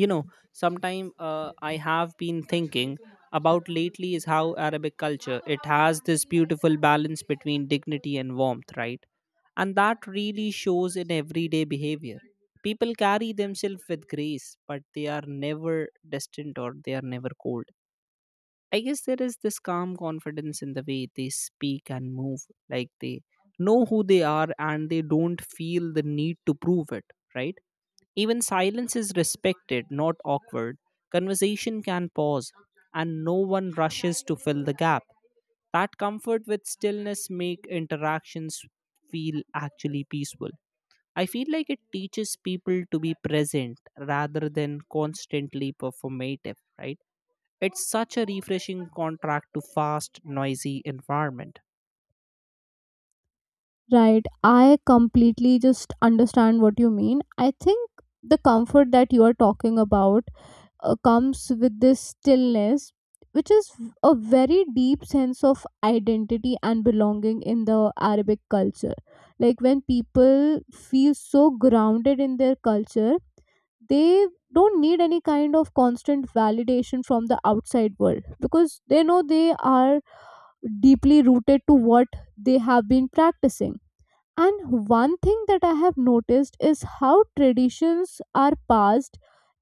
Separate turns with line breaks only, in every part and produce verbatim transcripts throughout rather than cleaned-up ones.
you know Sometime uh, I have been thinking about lately is how Arabic culture it has this beautiful balance between dignity and warmth, right? And that really shows in everyday behavior. People carry themselves with grace, but they are never distant or they are never cold. I guess there is this calm confidence in the way they speak and move, like they know who they are and they don't feel the need to prove it, right? Even silence is respected, not awkward. Conversation can pause, and no one rushes to fill the gap. That comfort with stillness make interactions feel actually peaceful. I feel like it teaches people to be present rather than constantly performative, right? It's such a refreshing contrast to fast, noisy environment.
Right. I completely just understand what you mean. I think the comfort that you are talking about uh, comes with this stillness, which is a very deep sense of identity and belonging in the Arabic culture. Like when people feel so grounded in their culture, they don't need any kind of constant validation from the outside world because they know they are deeply rooted to what they have been practicing. And one thing that I have noticed is how traditions are passed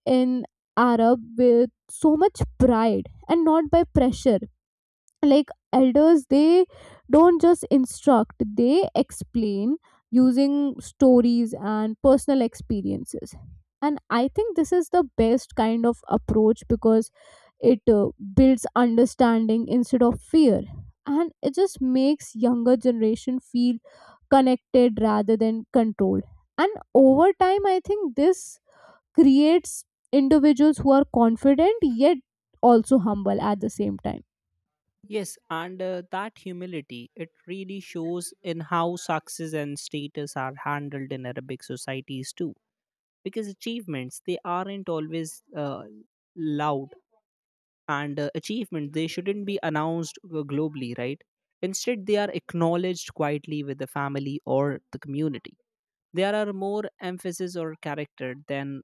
in Arab with so much pride and not by pressure. Like elders, they don't just instruct, they explain using stories and personal experiences. And I think this is the best kind of approach because it uh, builds understanding instead of fear, and it just makes younger generation feel connected rather than controlled. And over time I think this creates individuals who are confident yet also humble at the same time.
Yes, and uh, that humility, it really shows in how success and status are handled in Arabic societies too. Because achievements, they aren't always uh, loud, and uh, achievements, they shouldn't be announced uh, globally, right? Instead, they are acknowledged quietly with the family or the community. There are more emphasis or character than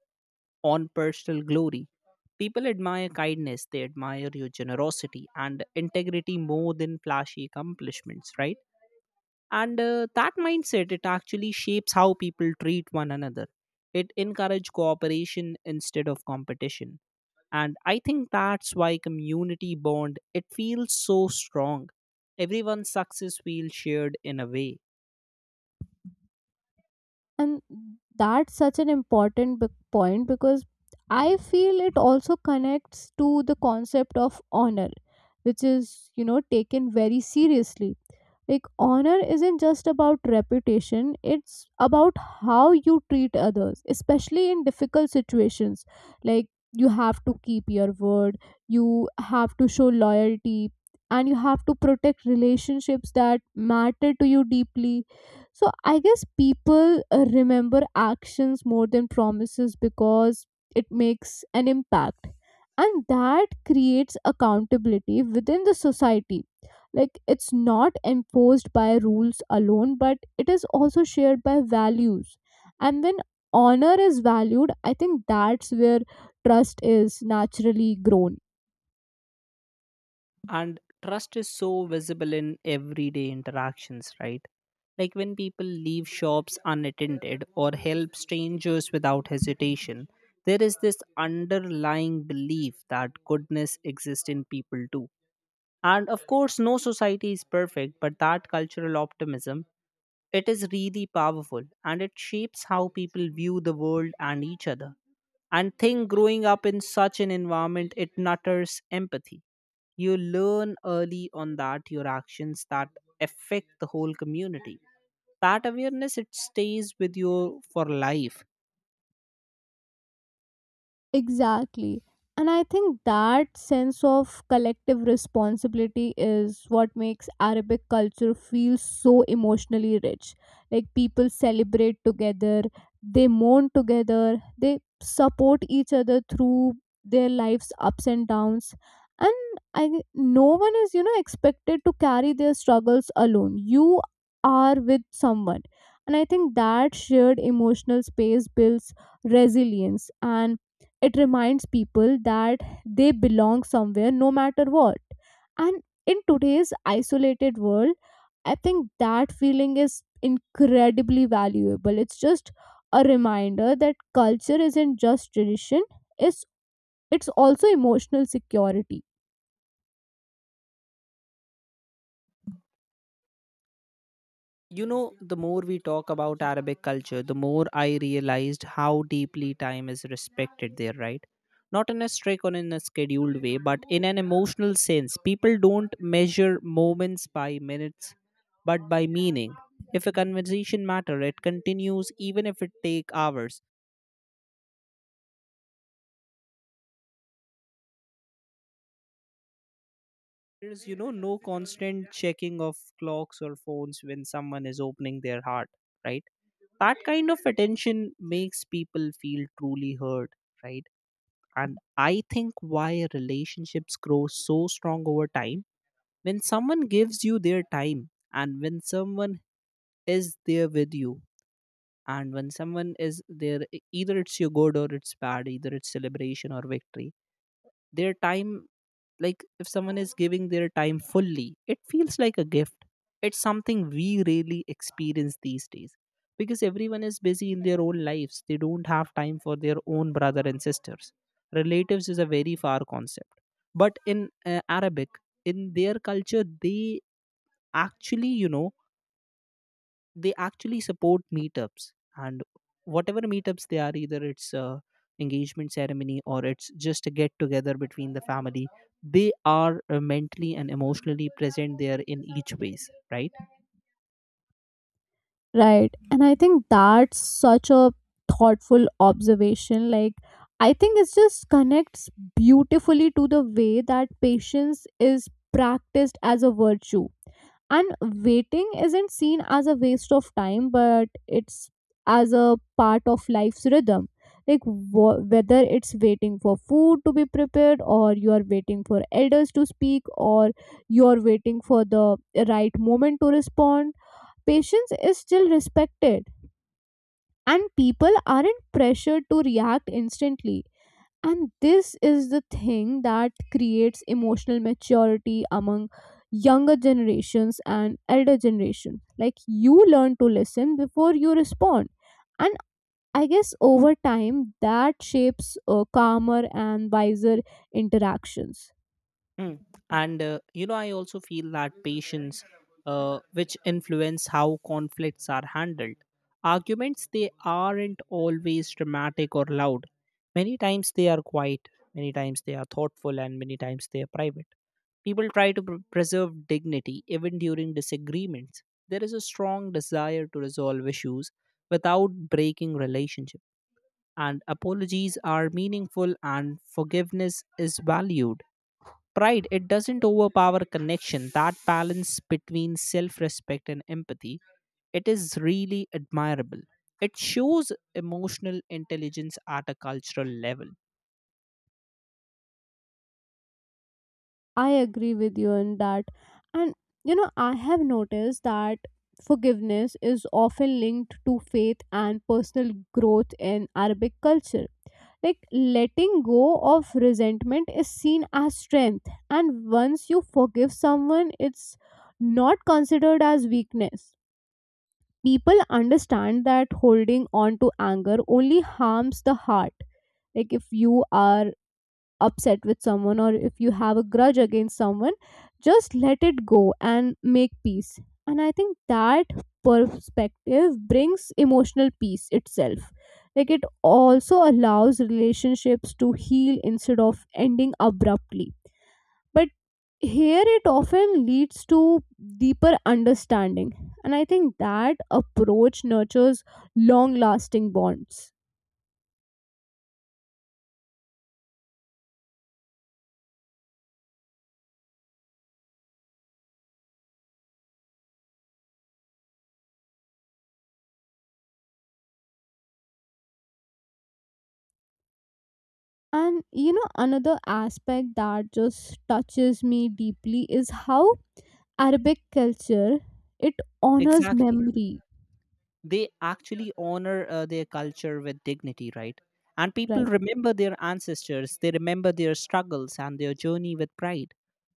on personal glory. People admire kindness, they admire your generosity and integrity more than flashy accomplishments, right? And uh, that mindset, it actually shapes how people treat one another. It encourages cooperation instead of competition. And I think that's why community bond, it feels so strong. Everyone's success feels shared in a way.
And that's such an important b- point because I feel it also connects to the concept of honor, which is, you know, taken very seriously. Like honor isn't just about reputation, it's about how you treat others especially in difficult situations. Like you have to keep your word, you have to show loyalty, and you have to protect relationships that matter to you deeply. So I guess people uh, remember actions more than promises because it makes an impact, and that creates accountability within the society. Like it's not imposed by rules alone but it is also shared by values. And when honor is valued, I think that's where trust is naturally grown.
And trust is so visible in everyday interactions, right? Like when people leave shops unattended or help strangers without hesitation, there is this underlying belief that goodness exists in people too. And of course no society is perfect, but that cultural optimism, it is really powerful, and it shapes how people view the world and each other. And think growing up in such an environment, it nurtures empathy. You learn early on that your actions that affect the whole community. That awareness it stays with you for life.
Exactly. And I think that sense of collective responsibility is what makes Arabic culture feel so emotionally rich. Like people celebrate together, they mourn together, they support each other through their life's ups and downs. And I, no one is, you know, expected to carry their struggles alone. You are with someone. And I think that shared emotional space builds resilience, and it reminds people that they belong somewhere no matter what. And in today's isolated world, I think that feeling is incredibly valuable. It's just a reminder that culture isn't just tradition, it's it's also emotional security.
You know, the more we talk about Arabic culture, the more I realized how deeply time is respected there, right? Not in a strict or in a scheduled way, but in an emotional sense. People don't measure moments by minutes, but by meaning. If a conversation matter, it continues even if it take hours. There's, you know, no constant checking of clocks or phones when someone is opening their heart, right? That kind of attention makes people feel truly heard, right? And I think why relationships grow so strong over time, when someone gives you their time and when someone is there with you, and when someone is there e- either it's your good or it's bad, either it's celebration or victory, their time. Like if someone is giving their time fully, it feels like a gift. It's something we really experience these days because everyone is busy in their own lives. They don't have time for their own brother and sisters. Relatives is a very far concept. But in uh, Arabic, in their culture, they actually, you know, they actually support meetups, and whatever meetups they are, either it's a engagement ceremony or it's just a get together between the family, they are uh, mentally and emotionally present there in each ways, right?
Right, and I think that's such a thoughtful observation. Like I think it just connects beautifully to the way that patience is practiced as a virtue. And waiting isn't seen as a waste of time but it's as a part of life's rhythm. Like wh- whether it's waiting for food to be prepared, or you are waiting for elders to speak, or you are waiting for the right moment to respond, patience is still respected and people aren't pressured to react instantly. And this is the thing that creates emotional maturity among younger generations and elder generation. Like you learn to listen before you respond, and I guess over time that shapes uh, calmer and wiser interactions.
Mm, and uh, you know I also feel that patience, uh, which influence how conflicts are handled. Arguments, they aren't always dramatic or loud. Many times they are quiet, many times they are thoughtful, and many times they are private. People try to pr- preserve dignity even during disagreements. There is a strong desire to resolve issues without breaking relationship, and apologies are meaningful and forgiveness is valued. Pride it doesn't overpower connection. That balance between self-respect and empathy, it is really admirable. It shows emotional intelligence at a cultural level.
I agree with you in that. And you know, I have noticed that forgiveness is often linked to faith and personal growth in Arabic culture. Like letting go of resentment is seen as strength, and once you forgive someone, it's not considered as weakness. People understand that holding on to anger only harms the heart. Like if you are upset with someone, or if you have a grudge against someone, just let it go and make peace. And I think that perspective brings emotional peace itself. Like it also allows relationships to heal instead of ending abruptly. But here it often leads to deeper understanding, and I think that approach nurtures long lasting bonds. And you know, another aspect that just touches me deeply is how Arabic culture, it honors
Exactly.
memory,
They actually honor uh, their culture with dignity, right? And people
right?
remember their ancestors, they remember their struggles and their journey with pride.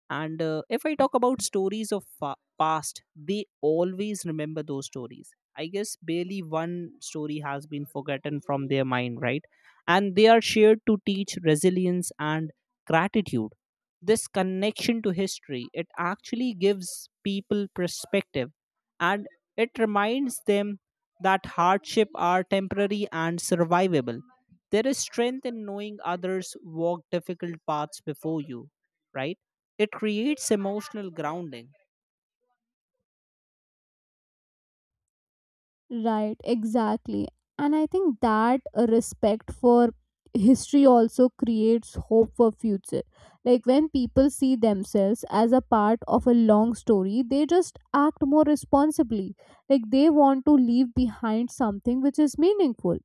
And uh, if I talk about stories of fa- past, they always remember those stories. I guess barely one story has been forgotten from their mind, right? And they are shared to teach resilience and gratitude. This connection to history, it actually gives people perspective, and it reminds them that hardship are temporary and survivable. There is strength in knowing others walk difficult paths before you, right? It creates emotional grounding.
Right, exactly. And I think that uh, respect for history also creates hope for future. Like when people see themselves as a part of a long story, they just act more responsibly. Like they want to leave behind something which is meaningful.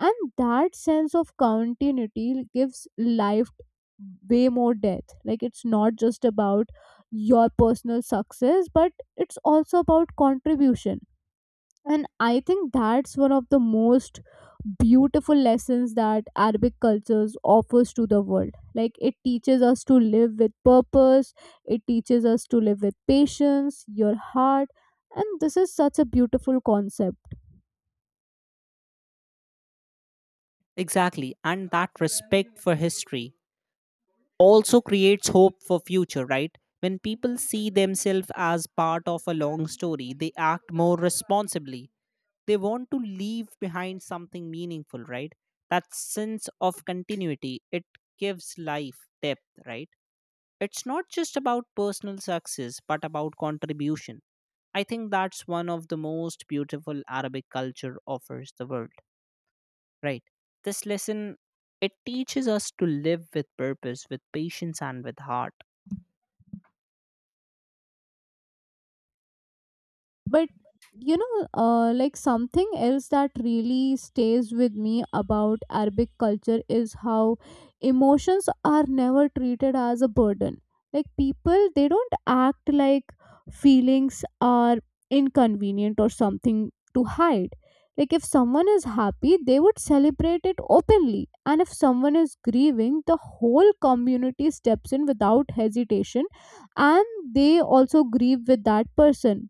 And that sense of continuity gives life way more depth. Like it's not just about your personal success, but it's also about contribution. And I think that's one of the most beautiful lessons that Arabic cultures offers to the world. Like it teaches us to live with purpose, it teaches us to live with patience, your heart, and this is such a beautiful concept.
Exactly. And that respect for history also creates hope for future, right? When people see themselves as part of a long story, they act more responsibly. They want to leave behind something meaningful, right? That sense of continuity, it gives life depth, right? It's not just about personal success, but about contribution. I think that's one of the most beautiful Arabic culture offers the world. Right. This lesson it teaches us to live with purpose, with patience, and with heart.
But you know uh, like something else that really stays with me about Arabic culture is how emotions are never treated as a burden. Like people, they don't act like feelings are inconvenient or something to hide. Like if someone is happy, they would celebrate it openly, and if someone is grieving, the whole community steps in without hesitation, and they also grieve with that person.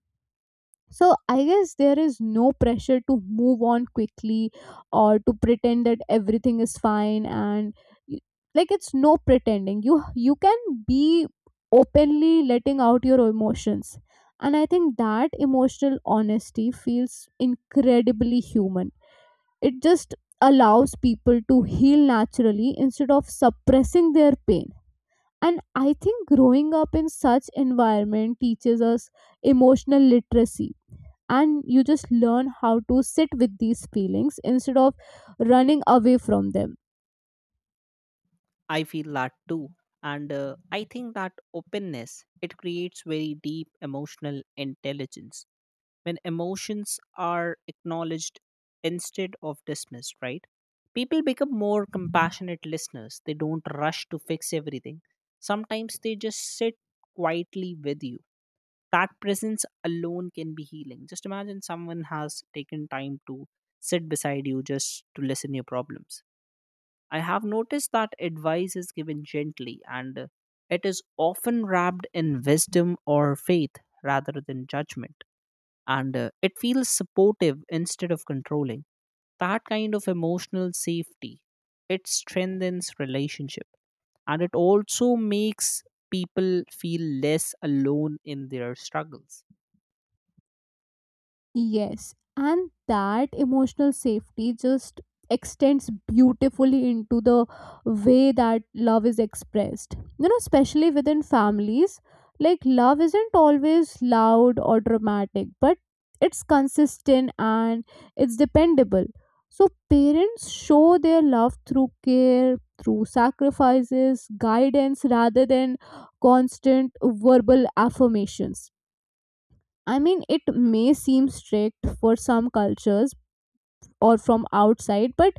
So I guess there is no pressure to move on quickly or to pretend that everything is fine. And you, like it's no pretending. You you can be openly letting out your emotions. And I think that emotional honesty feels incredibly human. It just allows people to heal naturally instead of suppressing their pain. And I think growing up in such environment teaches us emotional literacy, and you just learn how to sit with these feelings instead of running away from them.
I feel that too, and uh, I think that openness it creates very deep emotional intelligence when emotions are acknowledged instead of dismissed. Right. People become more compassionate listeners. They don't rush to fix everything. Sometimes they just sit quietly with you. That presence alone can be healing. Just imagine someone has taken time to sit beside you just to listen your problems. I have noticed that advice is given gently, and uh, it is often wrapped in wisdom or faith rather than judgment. And uh, it feels supportive instead of controlling. That kind of emotional safety, it strengthens relationship, and it also makes people feel less alone in their struggles.
Yes, and that emotional safety just extends beautifully into the way that love is expressed. You know, especially within families, like love isn't always loud or dramatic, but it's consistent and it's dependable. So, parents show their love through care, through sacrifices, guidance, rather than constant verbal affirmations. I mean, it may seem strict for some cultures or from outside, but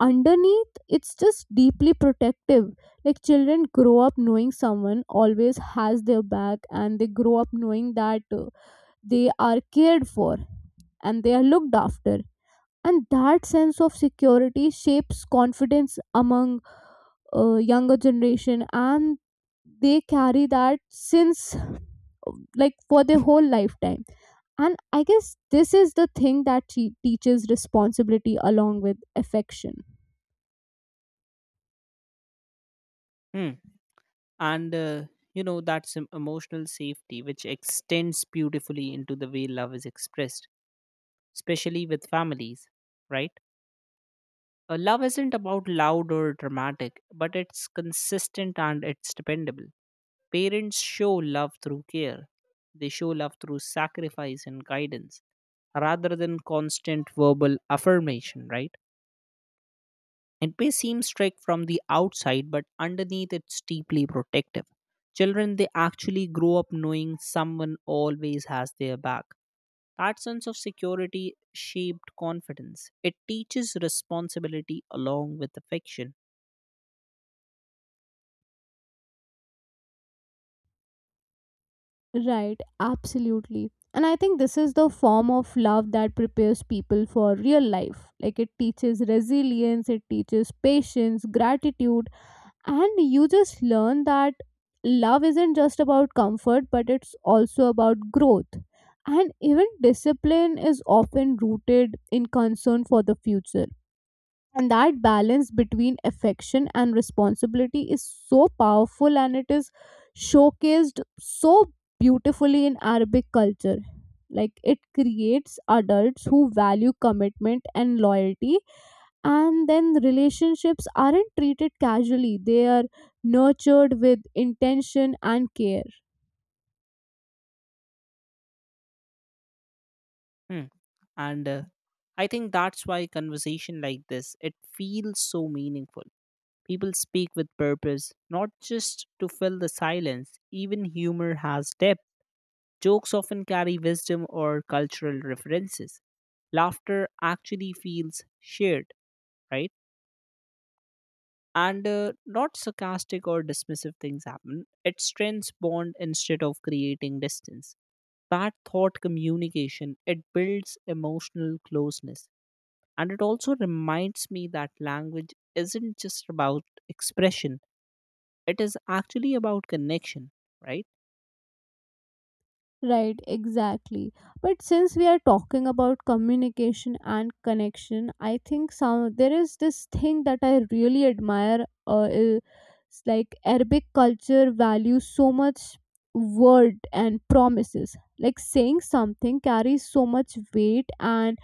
underneath, it's just deeply protective. Like, children grow up knowing someone always has their back, and they grow up knowing that uh, they are cared for and they are looked after. And that sense of security shapes confidence among uh, younger generation, and they carry that since, like, for their whole lifetime. And I guess this is the thing that te- teaches responsibility along with affection.
Hmm. And uh, you know that's em- emotional safety, which extends beautifully into the way love is expressed, especially with families, right? Uh, love isn't about loud or dramatic, but it's consistent and it's dependable. Parents show love through care. They show love through sacrifice and guidance rather than constant verbal affirmation, right? It may seem strict from the outside, but underneath it's deeply protective. Children, they actually grow up knowing someone always has their back. That sense of security shaped confidence. It teaches responsibility along with affection.
Right, absolutely. And I think this is the form of love that prepares people for real life. Like it teaches resilience, it teaches patience, gratitude, and you just learn that love isn't just about comfort but it's also about growth. And even discipline is often rooted in concern for the future, and that balance between affection and responsibility is so powerful, and it is showcased so beautifully in Arabic culture. Like it creates adults who value commitment and loyalty, and then the relationships aren't treated casually, they are nurtured with intention and care.
Hmm. And uh, I think that's why conversation like this it feels so meaningful. People speak with purpose, not just to fill the silence. Even humor has depth. Jokes often carry wisdom or cultural references. Laughter actually feels shared, right? And uh, not sarcastic or dismissive things happen. It strengthens bond instead of creating distance. That thought communication it builds emotional closeness. And it also reminds me that language isn't just about expression, it is actually about connection, right?
Right, exactly. But since we are talking about communication and connection, I think some there is this thing that I really admire uh, is like Arabic culture values so much word and promises. Like saying something carries so much weight, and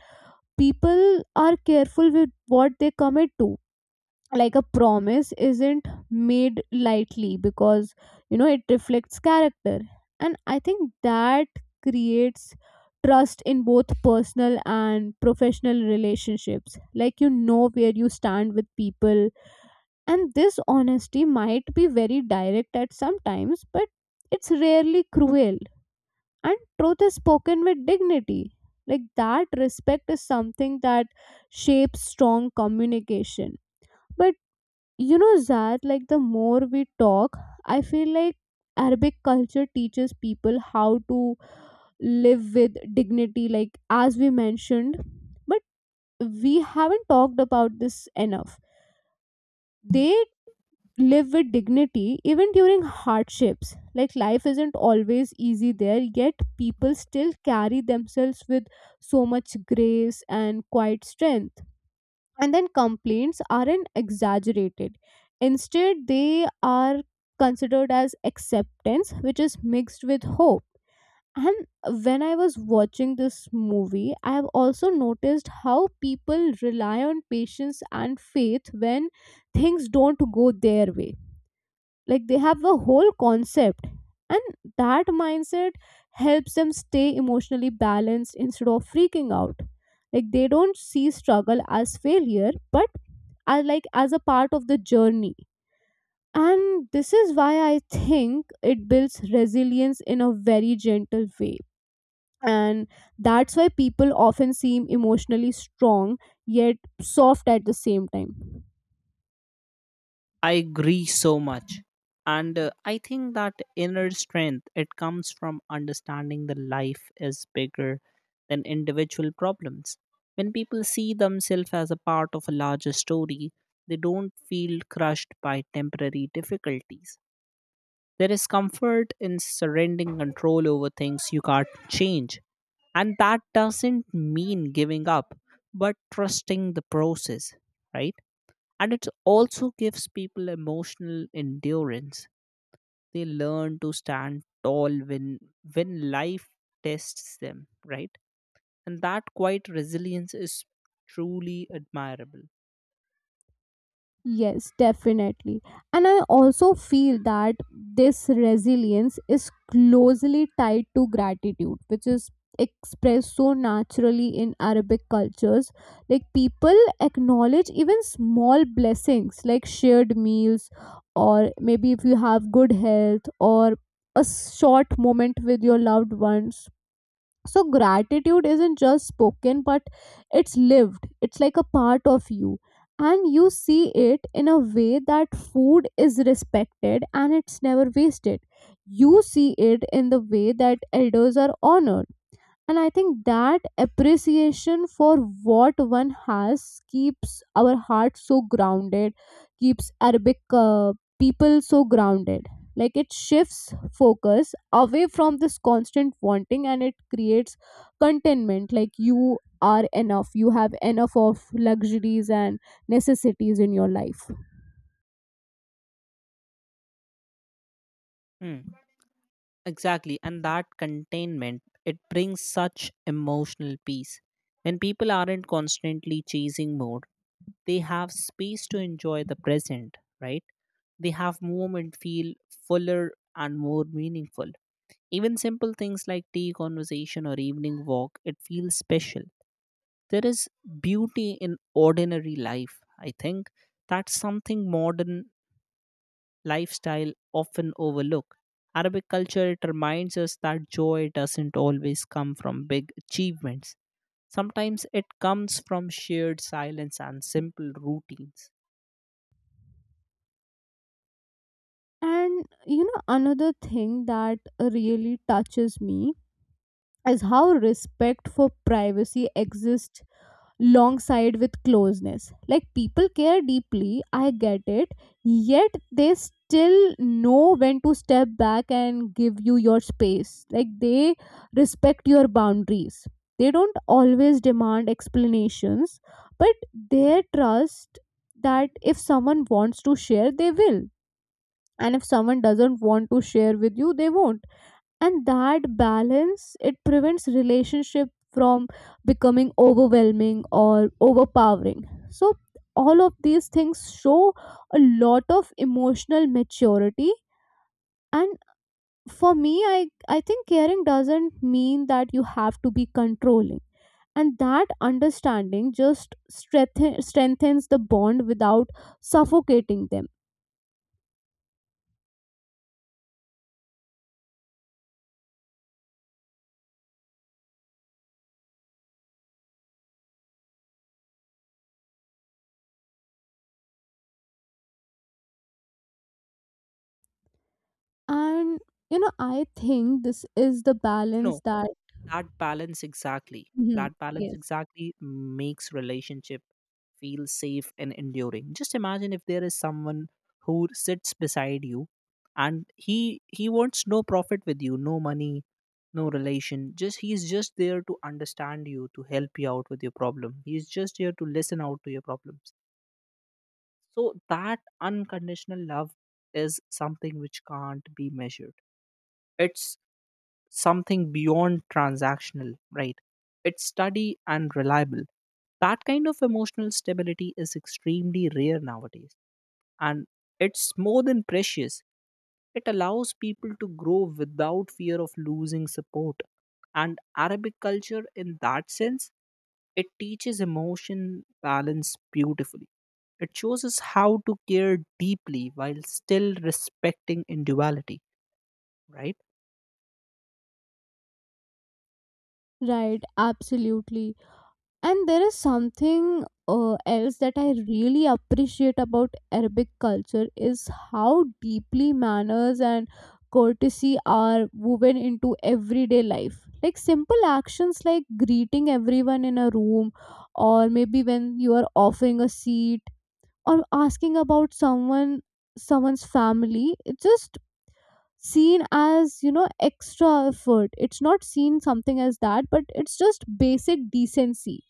people are careful with what they commit to. Like a promise isn't made lightly because, you know, it reflects character. And I think that creates trust in both personal and professional relationships. Like you know where you stand with people, and this honesty might be very direct at some times, but it's rarely cruel. And truth is spoken with dignity. Like that respect is something that shapes strong communication. But you know that, like, the more we talk, I feel like Arabic culture teaches people how to live with dignity, like as we mentioned, but we haven't talked about this enough. They live with dignity even during hardships. Like life isn't always easy there, yet people still carry themselves with so much grace and quiet strength. And then complaints aren't exaggerated, instead they are considered as acceptance which is mixed with hope. And when I was watching this movie, I have also noticed how people rely on patience and faith when things don't go their way. Like they have the whole concept. And that mindset helps them stay emotionally balanced instead of freaking out. Like they don't see struggle as failure, but as like as a part of the journey. And this is why I think it builds resilience in a very gentle way, and that's why people often seem emotionally strong yet soft at the same time.
I agree so much. And uh, I think that inner strength, it comes from understanding the life is bigger than individual problems. When people see themselves as a part of a larger story, they don't feel crushed by temporary difficulties. There is comfort in surrendering control over things you can't change. And that doesn't mean giving up, but trusting the process, right? And it also gives people emotional endurance. They learn to stand tall when when life tests them, right? And that quiet resilience is truly admirable.
Yes, definitely. And I also feel that this resilience is closely tied to gratitude, which is expressed so naturally in Arabic cultures. Like people acknowledge even small blessings like shared meals, or maybe if you have good health, or a short moment with your loved ones. So gratitude isn't just spoken but it's lived, it's like a part of you. And you see it in a way that food is respected and it's never wasted. You see it in the way that elders are honored, and I think that appreciation for what one has keeps our heart so grounded, keeps Arabic uh, people so grounded. Like it shifts focus away from this constant wanting and it creates contentment, like you are enough, you have enough of luxuries and necessities in your life.
Hmm. Exactly, and that containment, it brings such emotional peace. When people aren't constantly chasing more, they have space to enjoy the present, right? They have moment feel fuller and more meaningful. Even simple things like tea conversation or evening walk, it feels special. There is beauty in ordinary life. I think that's something modern lifestyle often overlook. Arabic culture, it reminds us that joy doesn't always come from big achievements. Sometimes it comes from shared silence and simple routines.
And you know, another thing that really touches me is how respect for privacy exists alongside with closeness. Like people care deeply, I get it, yet they still know when to step back and give you your space. Like they respect your boundaries. They don't always demand explanations, but they trust that if someone wants to share, they will. And if someone doesn't want to share with you, they won't, and that balance, it prevents relationship from becoming overwhelming or overpowering. So all of these things show a lot of emotional maturity, and for me, i i think caring doesn't mean that you have to be controlling, and that understanding just strengthen, strengthens the bond without suffocating them. And you know, I think this is the
You
balance
know,
that.
that balance exactly,
Mhm.
that balance
Yes.
exactly makes relationship feel safe and enduring. Just imagine if there is someone who sits beside you, and he he wants no profit with you, no money, no relation, just he's just there to understand you, to help you out with your problem, he's just here to listen out to your problems. So that unconditional love is something which can't be measured. It's something beyond transactional, right? It's steady and reliable. That kind of emotional stability is extremely rare nowadays, and it's more than precious. It allows people to grow without fear of losing support. And Arabic culture, in that sense, it teaches emotion balance beautifully. It shows us how to care deeply while still respecting individuality, right?
Right, absolutely. And there is something uh, else that I really appreciate about Arabic culture is how deeply manners and courtesy are woven into everyday life. Like simple actions like greeting everyone in a room, or maybe when you are offering a seat, or asking about someone someone's family, it just seen as, you know, extra effort, it's not seen something as that, but it's just basic decency.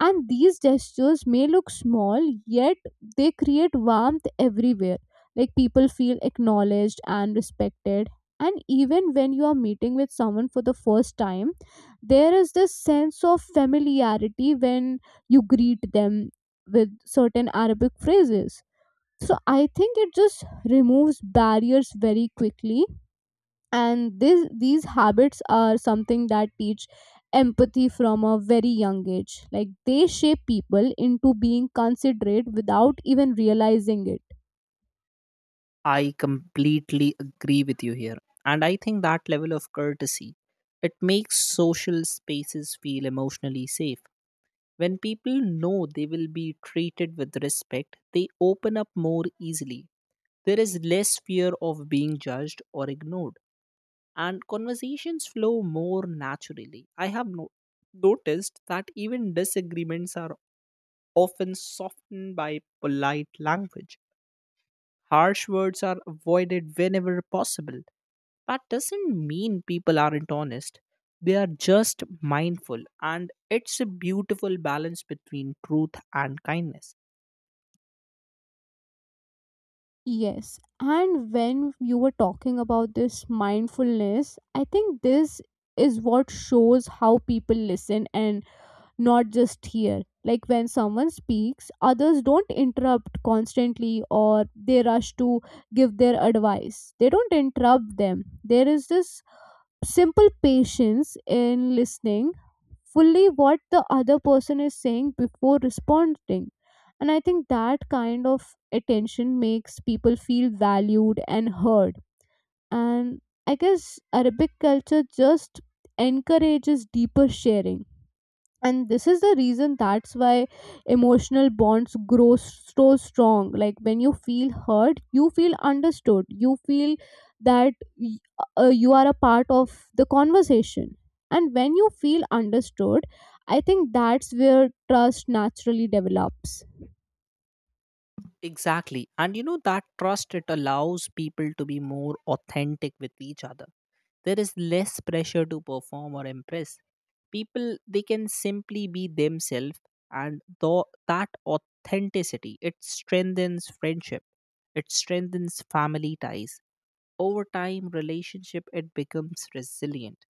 And these gestures may look small, yet they create warmth everywhere. Like people feel acknowledged and respected. And even when you are meeting with someone for the first time, there is this sense of familiarity when you greet them with certain Arabic phrases. So I think it just removes barriers very quickly. And this these habits are something that teach empathy from a very young age, like they shape people into being considerate without even realizing it.
I completely agree with you here. And I think that level of courtesy, it makes social spaces feel emotionally safe. When people know they will be treated with respect, they open up more easily. There is less fear of being judged or ignored, and conversations flow more naturally. I have no- noticed that even disagreements are often softened by polite language. Harsh words are avoided whenever possible. That doesn't mean people aren't honest. They are just mindful, and it's a beautiful balance between truth and kindness.
Yes. And when you were talking about this mindfulness, I think this is what shows how people listen and not just hear. Like when someone speaks, others don't interrupt constantly or they rush to give their advice, they don't interrupt them. There is this simple patience in listening fully what the other person is saying before responding, and I think that kind of attention makes people feel valued and heard. And I guess Arabic culture just encourages deeper sharing, and this is the reason that's why emotional bonds grow s- so strong. Like when you feel hurt, you feel understood, you feel that y- uh, you are a part of the conversation. And when you feel understood, I think that's where trust naturally develops.
Exactly. And you know, that trust it allows people to be more authentic with each other. There is less pressure to perform or impress. People they can simply be themselves, and though that authenticity it strengthens friendship, it strengthens family ties. Over time relationship it becomes resilient,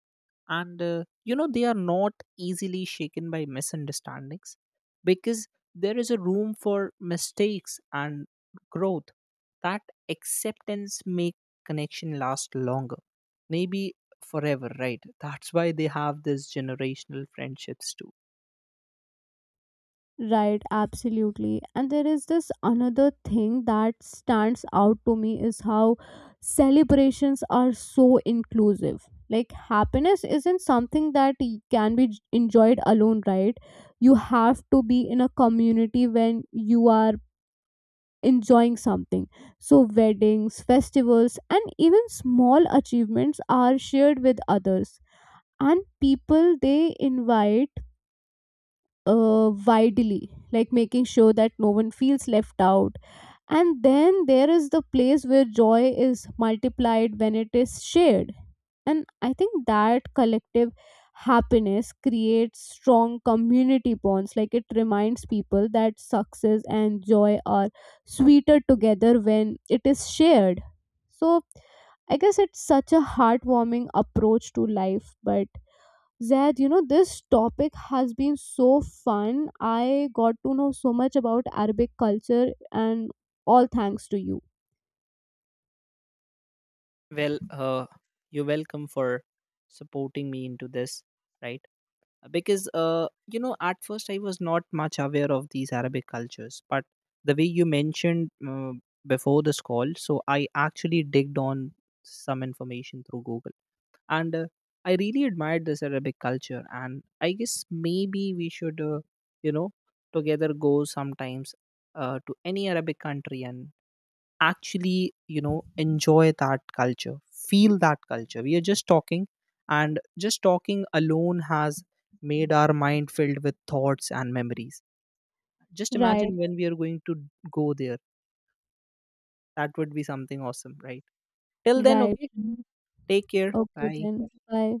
and uh, you know they are not easily shaken by misunderstandings because there is a room for mistakes and growth. That acceptance make connection last longer, maybe forever, right? That's why they have this generational friendships too.
Right, absolutely. And there is this another thing that stands out to me is how celebrations are so inclusive. Like, happiness isn't something that y- can be j- enjoyed alone, right? You have to be in a community when you are enjoying something. So, weddings, festivals, and even small achievements are shared with others. And people they invite uh, widely, like making sure that no one feels left out. And then there is the place where joy is multiplied when it is shared. And I think that collective happiness creates strong community bonds. Like it reminds people that success and joy are sweeter together when it is shared. So I guess it's such a heartwarming approach to life, but Zed, you know, this topic has been so fun. I got to know so much about Arabic culture, and all thanks to you.
Well, uh, you're welcome for supporting me into this, right? Because uh, you know at first I was not much aware of these Arabic cultures, but the way you mentioned uh, before this call, so I actually digged on some information through Google. And uh, I really admired this Arabic culture, and I guess maybe we should, uh, you know, together go sometimes, uh, to any Arabic country and actually you know enjoy that culture, feel that culture. We are just talking, and just talking alone has made our mind filled with thoughts and memories. Just
Right,
imagine when we are going to go there, that would be something awesome, right? Till then,
right.
okay, take care,
Okay,
bye.
then. Bye.